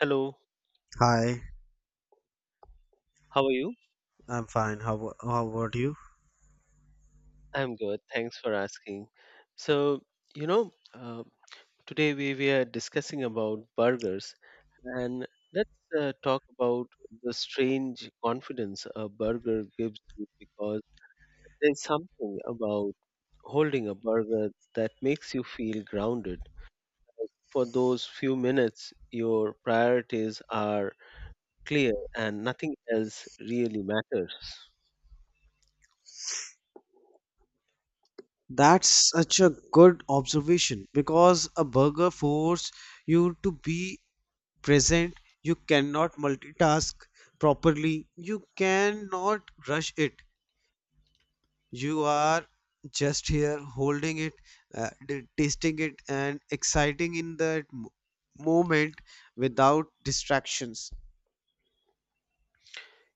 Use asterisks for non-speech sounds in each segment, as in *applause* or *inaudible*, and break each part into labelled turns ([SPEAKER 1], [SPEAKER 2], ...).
[SPEAKER 1] Hello,
[SPEAKER 2] Hi,
[SPEAKER 1] how are you?
[SPEAKER 2] I'm fine. How about you?
[SPEAKER 1] I'm good. Thanks for asking. So, you know, uh, Today we were discussing about burgers, and let's talk about the strange confidence a burger gives you because there's something about holding a burger that makes you feel grounded. For those few minutes, your priorities are clear and nothing else really matters.
[SPEAKER 2] That's such a good observation because a burger forces you to be present. You cannot multitask properly. You cannot rush it. You are just here holding it, tasting it, and exciting in that moment without distractions.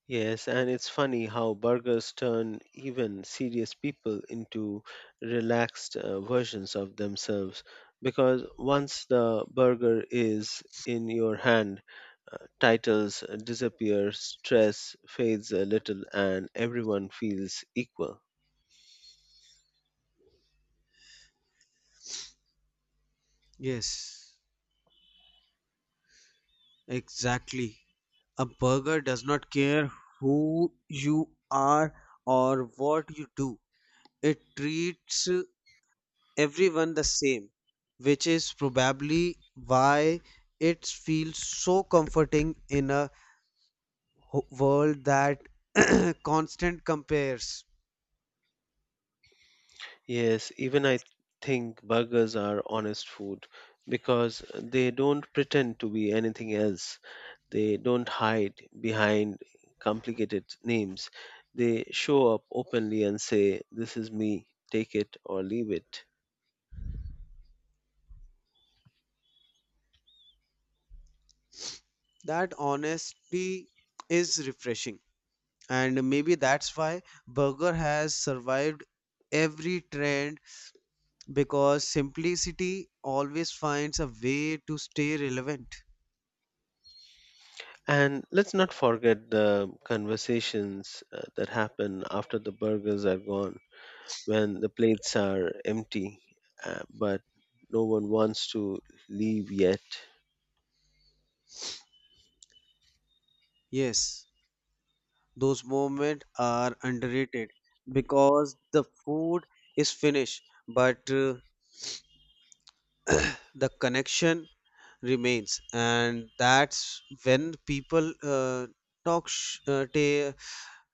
[SPEAKER 1] Yes, and it's funny how burgers turn even serious people into relaxed versions of themselves because once the burger is in your hand, titles disappear, stress fades a little, and everyone feels equal.
[SPEAKER 2] Yes, exactly. A burger does not care who you are or what you do. It treats everyone the same, which is probably why it feels so comforting in a world that *clears throat* constant compares.
[SPEAKER 1] Yes, even I think burgers are honest food because they don't pretend to be anything else. They don't hide behind complicated names. They show up openly and say, this is me, take it or leave it.
[SPEAKER 2] That honesty is refreshing, and maybe that's why burger has survived every trend because simplicity always finds a way to stay relevant.
[SPEAKER 1] And let's not forget the conversations that happen after the burgers are gone, when the plates are empty, but no one wants to leave yet.
[SPEAKER 2] Yes, those moments are underrated because the food is finished, but the connection remains, and that's when people talk sh- uh, ta-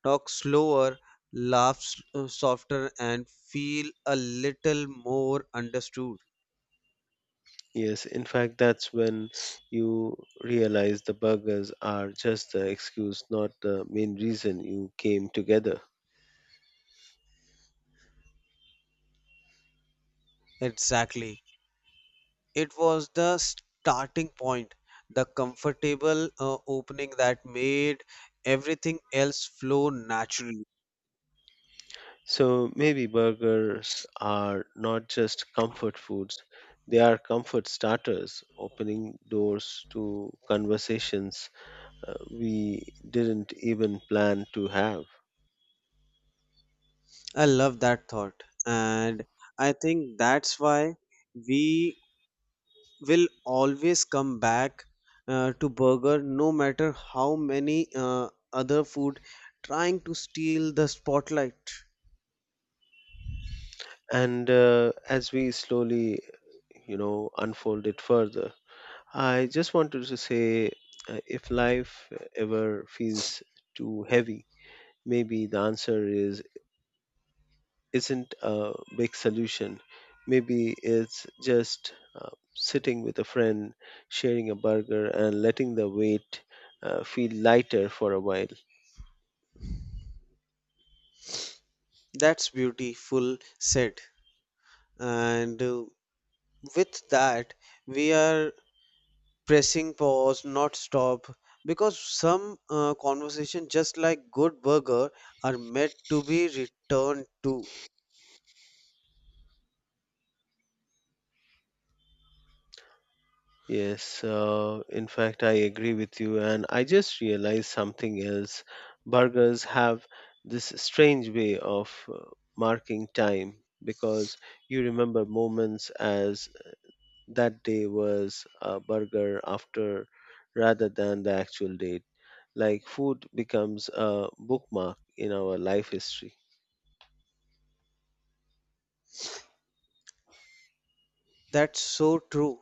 [SPEAKER 2] talk slower, laugh softer, and feel a little more understood.
[SPEAKER 1] Yes, in fact, that's when you realize the burgers are just the excuse, not the main reason you came together.
[SPEAKER 2] Exactly. It was the starting point, the comfortable opening that made everything else flow naturally.
[SPEAKER 1] So maybe burgers are not just comfort foods, they are comfort starters, opening doors to conversations we didn't even plan to have.
[SPEAKER 2] I love that thought. And I think that's why we will always come back to burger no matter how many other food trying to steal the spotlight.
[SPEAKER 1] And as we slowly, unfold it further, I just wanted to say if life ever feels too heavy, maybe the answer is isn't a big solution. Maybe it's just sitting with a friend, sharing a burger, and letting the weight feel lighter for a while.
[SPEAKER 2] That's beautiful said. And With that, we are pressing pause, not stop, because some conversation, just like good burger, are meant to be returned to.
[SPEAKER 1] Yes, in fact, I agree with you, and I just realized something else. Burgers have this strange way of marking time because you remember moments as that day was a burger after rather than the actual date. Like food becomes a bookmark in our life history.
[SPEAKER 2] That's so true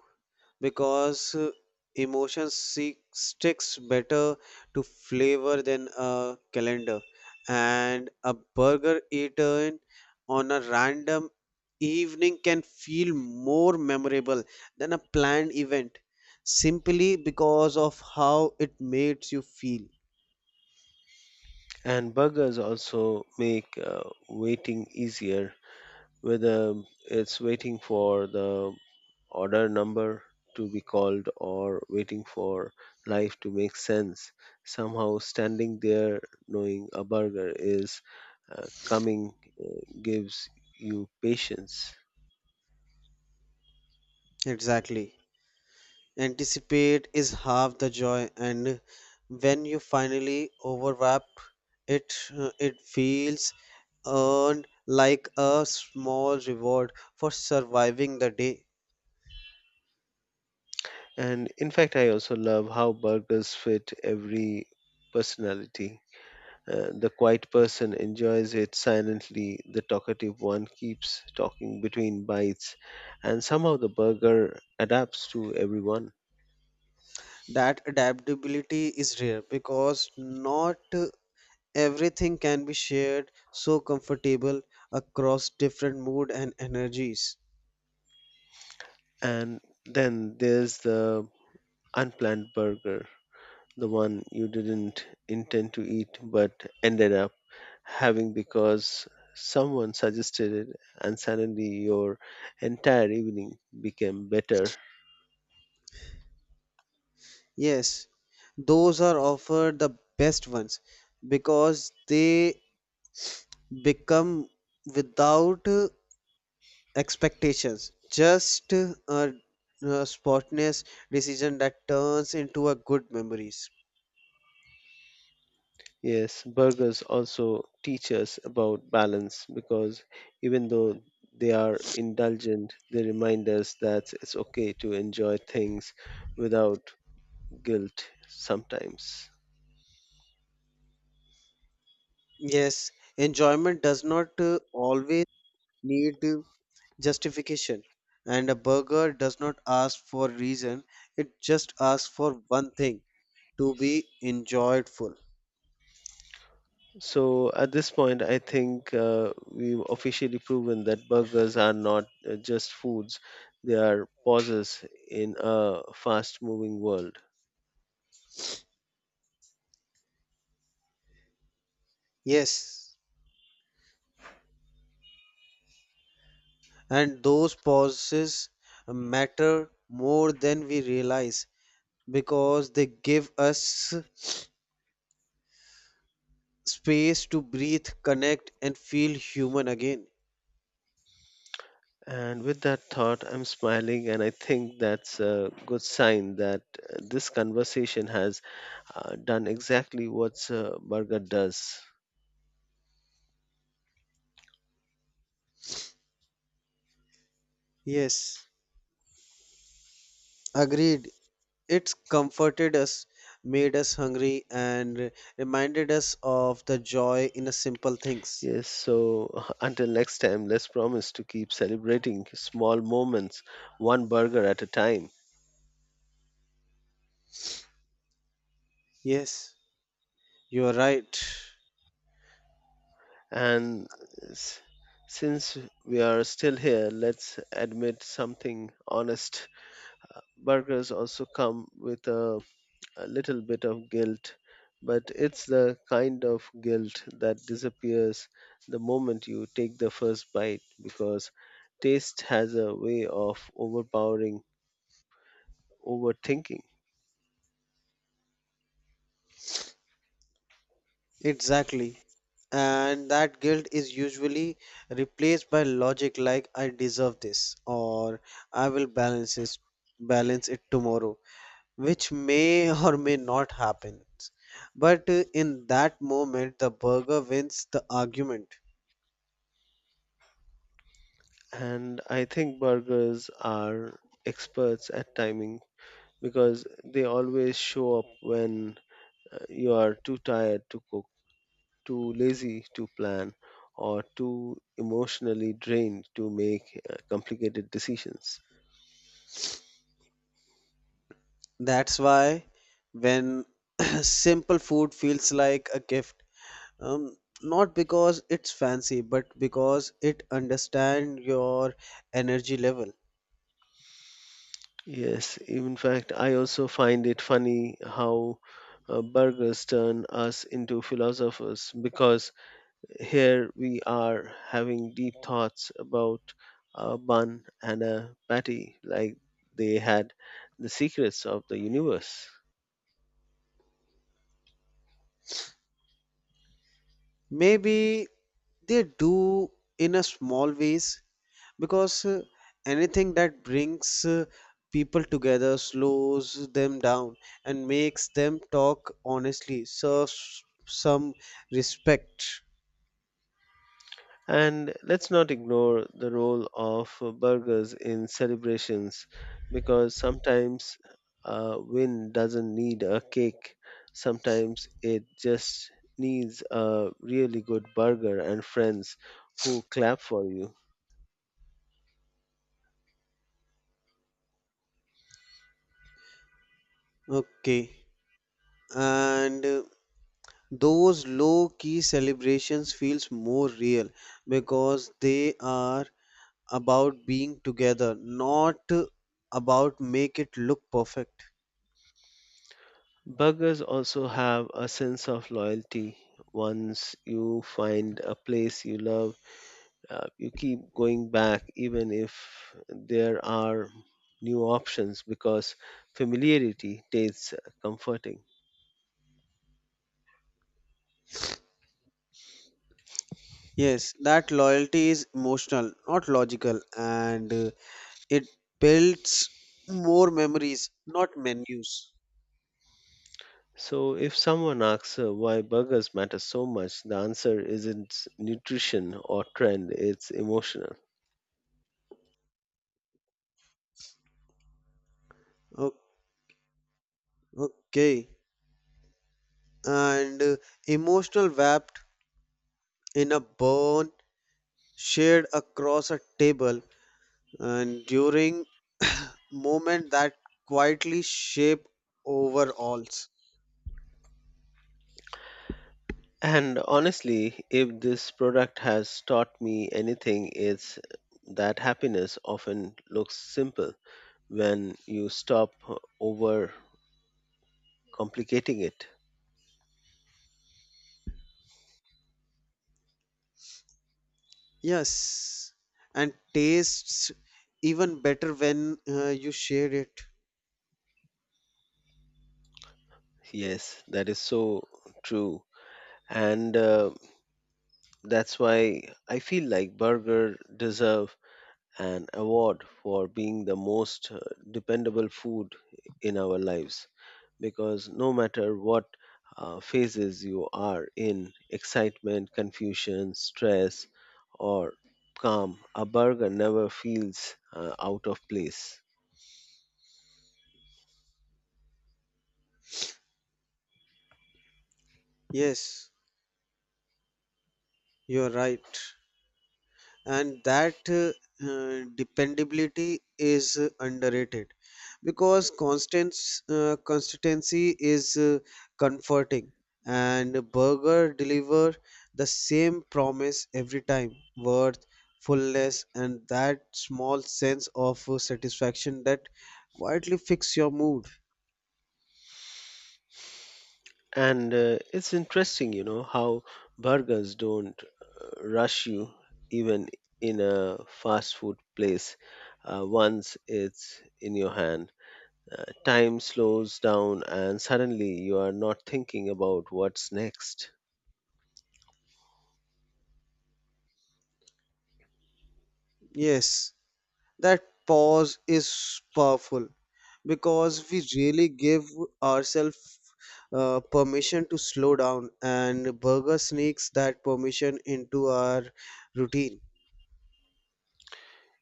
[SPEAKER 2] because emotion seek, sticks better to flavor than a calendar, and a burger eaten on a random evening can feel more memorable than a planned event simply because of how it makes you feel.
[SPEAKER 1] And burgers also make waiting easier, whether it's waiting for the order number to be called or waiting for life to make sense. Somehow standing there knowing a burger is coming gives you patience.
[SPEAKER 2] Exactly. Anticipate is half the joy, and when you finally overwrap it, it feels earned like a small reward for surviving the day.
[SPEAKER 1] And in fact, I also love how burgers fit every personality. The quiet person enjoys it silently, the talkative one keeps talking between bites, and somehow the burger adapts to everyone.
[SPEAKER 2] That adaptability is rare because not everything can be shared so comfortable across different mood and energies.
[SPEAKER 1] And then there's the unplanned burger, the one you didn't intend to eat but ended up having because someone suggested it, and suddenly your entire evening became better.
[SPEAKER 2] Yes, those are offered the best ones because they become without expectations just a spontaneous decision that turns into a good memories.
[SPEAKER 1] Yes, burgers also teach us about balance because even though they are indulgent, they remind us that it's okay to enjoy things without guilt sometimes.
[SPEAKER 2] Yes, enjoyment does not always need justification, and a burger does not ask for reason, it just asks for one thing, to be enjoyed.
[SPEAKER 1] So at this point, I think we've officially proven that burgers are not just foods, they are pauses in a fast moving world.
[SPEAKER 2] Yes, and those pauses matter more than we realize because they give us space to breathe, connect, and feel human again.
[SPEAKER 1] And with that thought, I'm smiling, and I think that's a good sign that this conversation has done exactly what a burger does.
[SPEAKER 2] Yes, agreed. It's comforted us, made us hungry, and reminded us of the joy in the simple things.
[SPEAKER 1] Yes, so *laughs* until next time, let's promise to keep celebrating small moments, one burger at a time.
[SPEAKER 2] Yes, you're right.
[SPEAKER 1] And s- since we are still here, let's admit something honest. Burgers also come with a little bit of guilt, but it's the kind of guilt that disappears the moment you take the first bite because taste has a way of overpowering overthinking.
[SPEAKER 2] Exactly. And that guilt is usually replaced by logic like I deserve this or I will balance it tomorrow which may or may not happen. But in that moment, the burger wins the argument.
[SPEAKER 1] And I think burgers are experts at timing because they always show up when you are too tired to cook, too lazy to plan, or too emotionally drained to make complicated decisions.
[SPEAKER 2] That's why when *clears throat* simple food feels like a gift, um, not because it's fancy, but because it understands your energy level.
[SPEAKER 1] Yes, in fact, I also find it funny how burgers turn us into philosophers because here we are having deep thoughts about a bun and a patty like they had the secrets of the universe.
[SPEAKER 2] Maybe they do in a small ways because anything that brings people together slows them down and makes them talk honestly, serves some respect.
[SPEAKER 1] And let's not ignore the role of burgers in celebrations because sometimes a win doesn't need a cake, sometimes it just needs a really good burger and friends who clap for you.
[SPEAKER 2] Okay. And Those low key celebrations feels more real because they are about being together, not about make it look perfect.
[SPEAKER 1] Burgers also have a sense of loyalty. Once you find a place you love, you keep going back even if there are new options because familiarity tastes comforting.
[SPEAKER 2] Yes, that loyalty is emotional, not logical, and it builds more memories, not menus.
[SPEAKER 1] So if someone asks why burgers matter so much, the answer isn't nutrition or trend, it's emotional.
[SPEAKER 2] O- Okay, and emotional wrapped in a bond shared across a table and during *coughs* *clears throat* moment that quietly shape overalls.
[SPEAKER 1] And honestly, if this product has taught me anything, it's that happiness often looks simple when you stop over complicating it.
[SPEAKER 2] Yes, and tastes even better when you share it.
[SPEAKER 1] Yes, that is so true, and that's why I feel like burger deserve an award for being the most dependable food in our lives, because no matter what phases you are in, excitement, confusion, stress, or calm, a burger never feels out of place.
[SPEAKER 2] Yes, you're right. And that dependability is underrated because constant consistency is comforting, and burger deliver the same promise every time, worth fullness, and that small sense of satisfaction that quietly fix your mood.
[SPEAKER 1] And it's interesting, you know, how burgers don't rush you even in a fast food place once it's in your hand. Time slows down, and suddenly you are not thinking about what's next.
[SPEAKER 2] Yes, that pause is powerful because we really give ourselves permission to slow down, and burger sneaks that permission into our routine.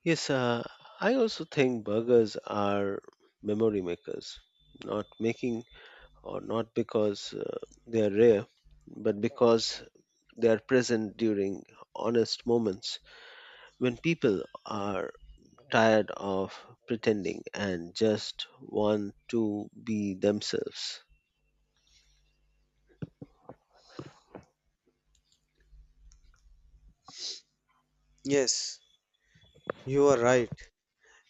[SPEAKER 1] Yes, I also think burgers are memory makers, not making or not because they are rare, but because they are present during honest moments when people are tired of pretending and just want to be themselves.
[SPEAKER 2] Yes, you are right.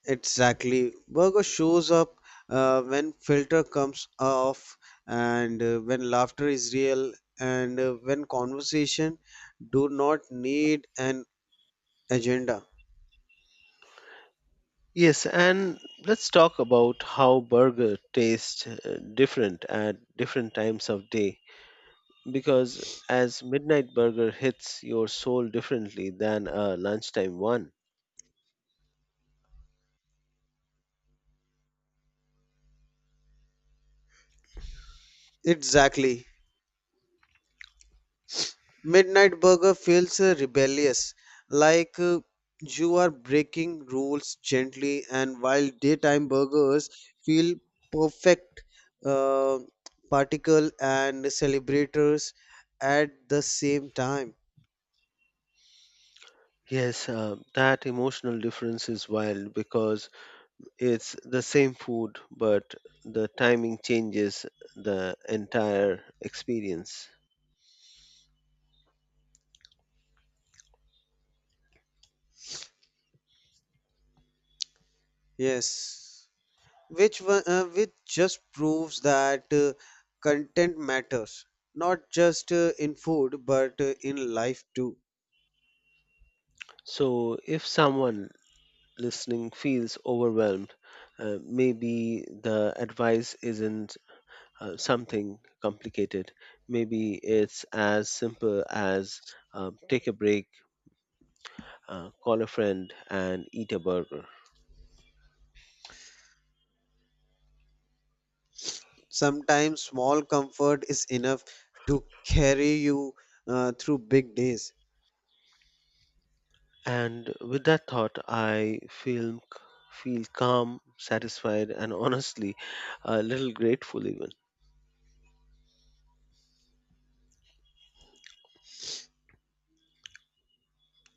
[SPEAKER 2] Exactly. Burger shows up when filter comes off, and when laughter is real, and when conversation do not need an agenda.
[SPEAKER 1] Yes, and let's talk about how burger tastes different at different times of day because as midnight burger hits your soul differently than a lunchtime one.
[SPEAKER 2] Exactly. Midnight Burger feels rebellious, like you are breaking rules gently, and while daytime burgers feel perfect, uh, particle and celebrators at the same time.
[SPEAKER 1] Yes, that emotional difference is wild because it's the same food, but the timing changes the entire experience.
[SPEAKER 2] Yes, which just proves that content matters, not just in food but in life too.
[SPEAKER 1] So, if someone listening feels overwhelmed, maybe the advice isn't something complicated. Maybe it's as simple as take a break, call a friend, and eat a burger.
[SPEAKER 2] Sometimes small comfort is enough to carry you through big days.
[SPEAKER 1] And with that thought, I feel calm, satisfied, and *laughs* honestly, a little grateful even.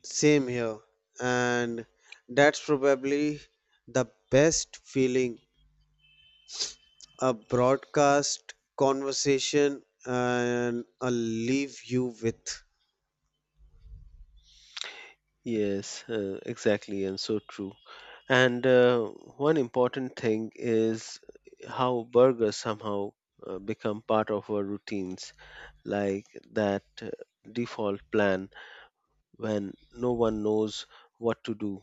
[SPEAKER 2] Same here. And that's probably the best feeling a broadcast conversation and I'll leave you with.
[SPEAKER 1] Yes, exactly, and so true. And one important thing is how burgers somehow become part of our routines, like that default plan when no one knows what to do,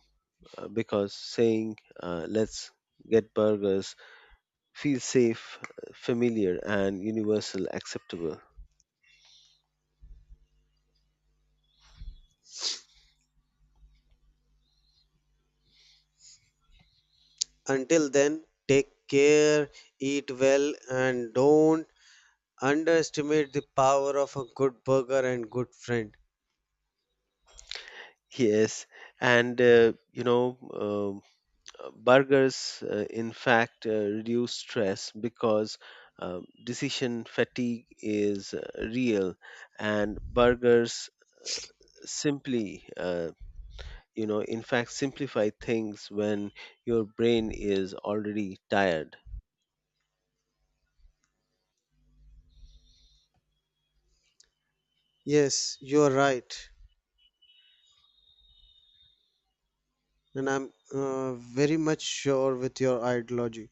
[SPEAKER 1] because saying, let's get burgers, feels safe, familiar, and universal acceptable.
[SPEAKER 2] Until then, take care, eat well, and don't underestimate the power of a good burger and good friend.
[SPEAKER 1] Yes, and burgers in fact reduce stress because uh, decision fatigue is real and burgers simply in fact simplify things when your brain is already tired.
[SPEAKER 2] Yes, you're right. And I'm very much sure with your ideology.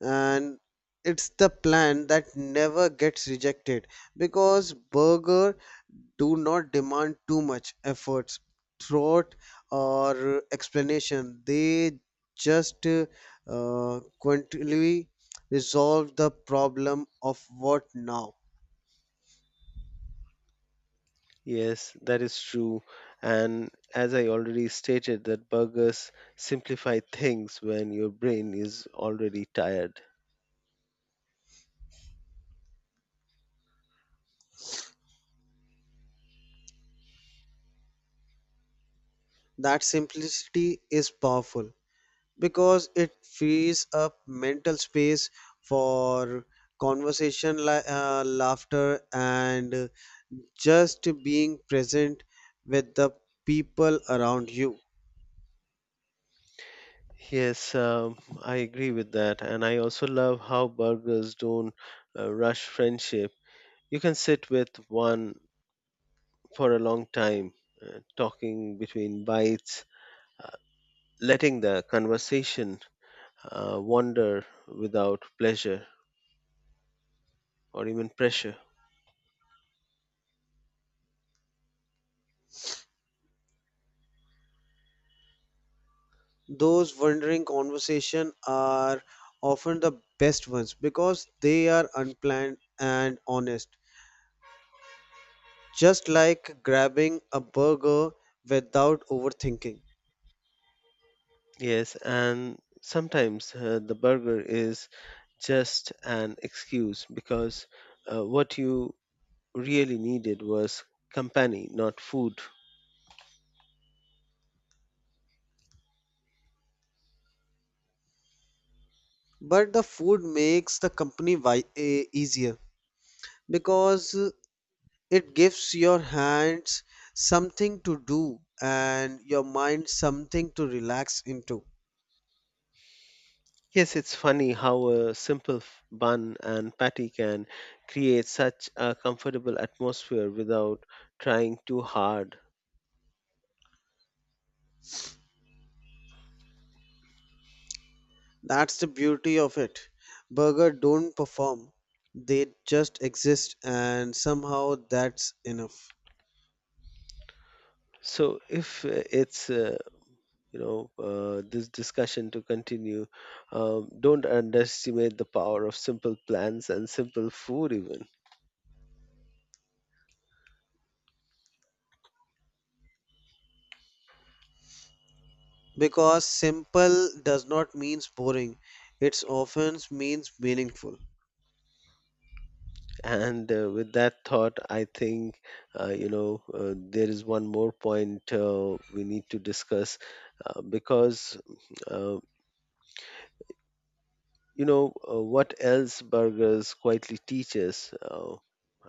[SPEAKER 2] And it's the plan that never gets rejected because burger do not demand too much efforts, thought, or explanation. They just quantitably resolve the problem of what now.
[SPEAKER 1] Yes, that is true, and as I already stated that burgers simplify things when your brain is already tired.
[SPEAKER 2] That simplicity is powerful, because it frees up mental space for conversation, laughter, and just being present with the people around you.
[SPEAKER 1] Yes, I agree with that. And I also love how burgers don't rush friendship. You can sit with one for a long time, talking between bites, uh, letting the conversation wander without pleasure or even pressure.
[SPEAKER 2] Those wandering conversation are often the best ones because they are unplanned and honest, just like grabbing a burger without overthinking.
[SPEAKER 1] Yes, and sometimes the burger is just an excuse because what you really needed was company, not food.
[SPEAKER 2] But the food makes the company easier because it gives your hands something to do and your mind something to relax into.
[SPEAKER 1] Yes, it's funny how a simple bun and patty can create such a comfortable atmosphere without trying too hard.
[SPEAKER 2] That's the beauty of it. Burger don't perform, they just exist, and somehow that's enough.
[SPEAKER 1] So, if it's you know this discussion to continue, don't underestimate the power of simple plans and simple food, even.
[SPEAKER 2] Because simple does not mean boring, it often means meaningful.
[SPEAKER 1] And with that thought, I think there is one more point we need to discuss because. Uh, You know, what else burgers quietly teach us,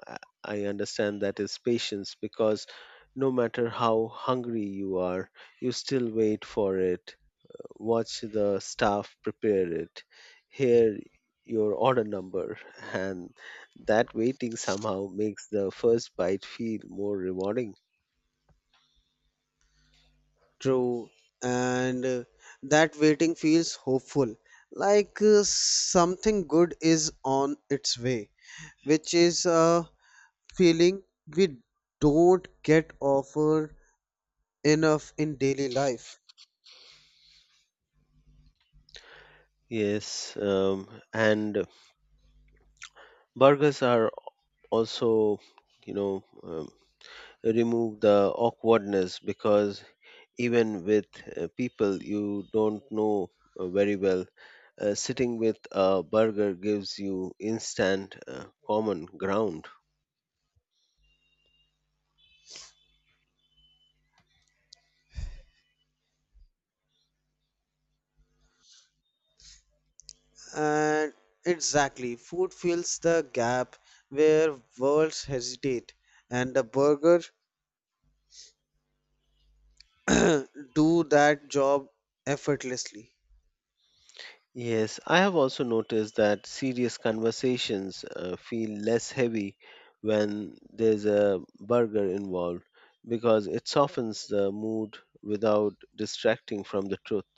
[SPEAKER 1] I I understand that is patience because no matter how hungry you are, you still wait for it, watch the staff prepare it, hear your order number, *laughs* and that waiting somehow makes the first bite feel more rewarding.
[SPEAKER 2] True, and that waiting feels hopeful, like something good is on its way, which is a feeling we don't get offered enough in daily life.
[SPEAKER 1] Yes, and burgers are also, you know, um, remove the awkwardness because even with people you don't know very well. Sitting with a burger gives you instant common ground.
[SPEAKER 2] And exactly, food fills the gap where worlds hesitate, and the burger *clears throat* do that job effortlessly.
[SPEAKER 1] Yes, I have also noticed that serious conversations feel less heavy when there's a burger involved because it softens the mood without distracting from the truth.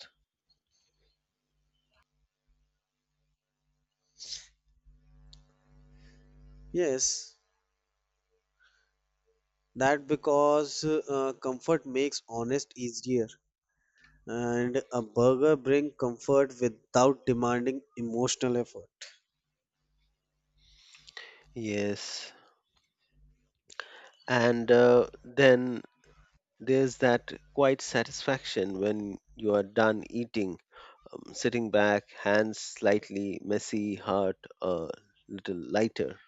[SPEAKER 2] Yes, that because comfort makes honest easier, and a burger bring comfort without demanding emotional effort.
[SPEAKER 1] Yes, and then there's that quite satisfaction when you are done eating, sitting back, hands slightly messy, heart a little lighter.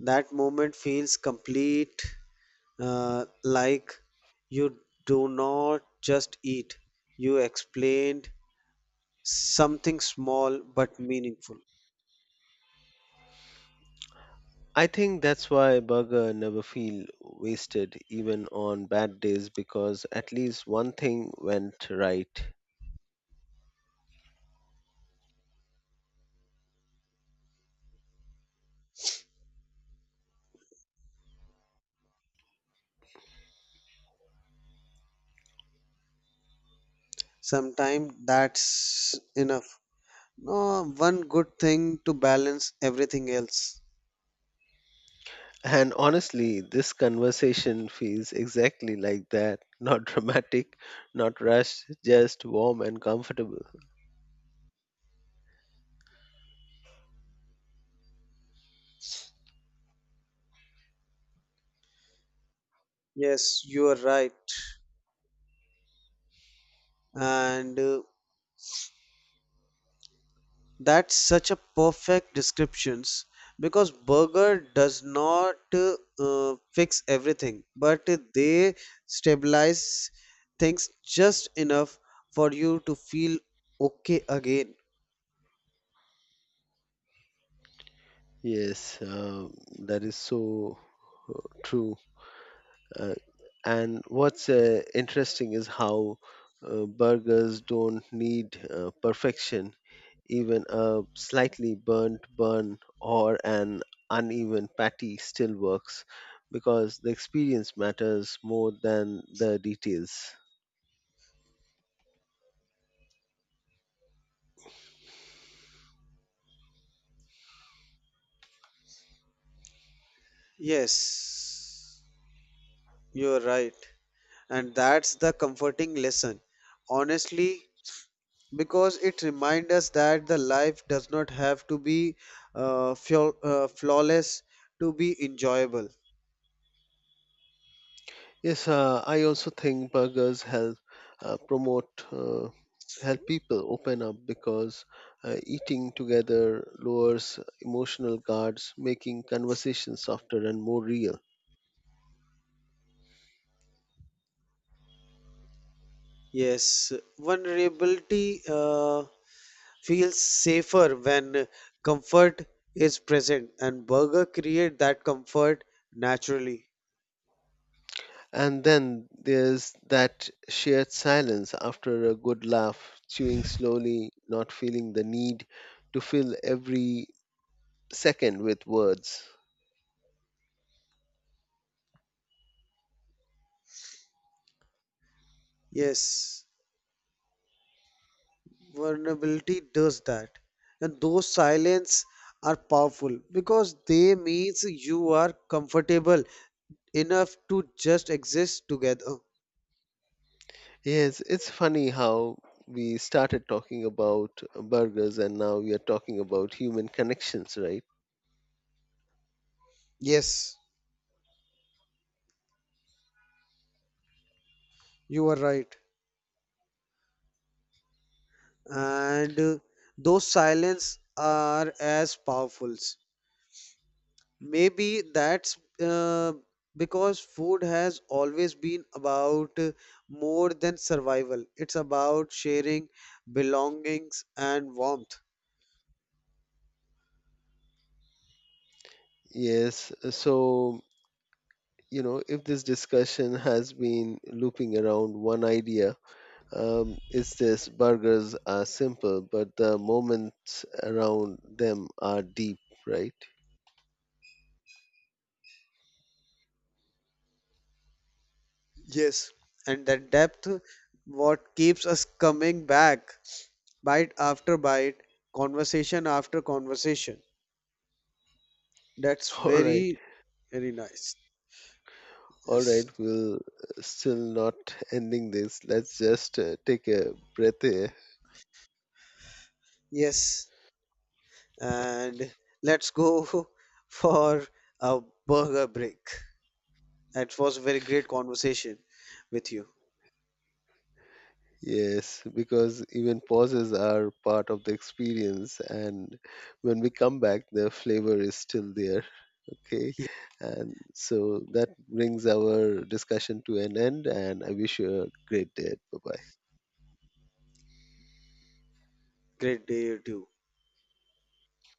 [SPEAKER 2] That moment feels complete, like you do not just eat, you explained something small but meaningful.
[SPEAKER 1] I think that's why burger never feel wasted even on bad days because at least one thing went right.
[SPEAKER 2] Sometimes that's enough, no one good thing to balance everything else.
[SPEAKER 1] And honestly, this conversation feels exactly like that. *laughs* Not dramatic, not rushed, just warm and comfortable.
[SPEAKER 2] Yes, you are right, and that's such a perfect descriptions because burger does not fix everything, but they stabilize things just enough for you to feel okay again.
[SPEAKER 1] Yes, that is so true. Uh, and what's interesting is how burgers don't need perfection. Even a slightly burnt bun or an uneven patty still works because the experience matters more than the details.
[SPEAKER 2] Yes, you're right. And that's the comforting lesson. Honestly, because it reminds us that the life does not have to be flawless to be enjoyable.
[SPEAKER 1] Yes, I also think burgers help promote help people open up because eating together lowers emotional guards, making conversation softer and more real.
[SPEAKER 2] Yes, vulnerability feels safer when comfort is present, and burger create that comfort naturally.
[SPEAKER 1] And then there's that shared silence after a good laugh, chewing slowly, not feeling the need to fill every second with words.
[SPEAKER 2] Yes, vulnerability does that, and those silence are powerful because they means you are comfortable enough to just exist together.
[SPEAKER 1] Yes, it's funny how we started talking about burgers and now we are talking about human connections, right?
[SPEAKER 2] Yes, you are right, and those silence are as powerful. Maybe that's because food has always been about more than survival. It's about sharing belongings and warmth.
[SPEAKER 1] Yes, so, if this discussion has been looping around one idea, it's this burgers are simple, but the moments around them are deep, right?
[SPEAKER 2] Yes, and that depth what keeps us coming back bite after bite, conversation after conversation. That's
[SPEAKER 1] *laughs* All right,
[SPEAKER 2] very, very nice.
[SPEAKER 1] all right,
[SPEAKER 2] Yes.
[SPEAKER 1] we'll still not ending this. Let's just take a breath here.
[SPEAKER 2] Yes, and let's go *laughs* for a burger break. It was a very great conversation with you.
[SPEAKER 1] Yes, because even pauses are part of the experience, and when we come back, the flavor is still there. Okay,
[SPEAKER 2] Yeah.
[SPEAKER 1] and so that brings our discussion to an end, and I wish you a great day. Bye bye.
[SPEAKER 2] Great day to you.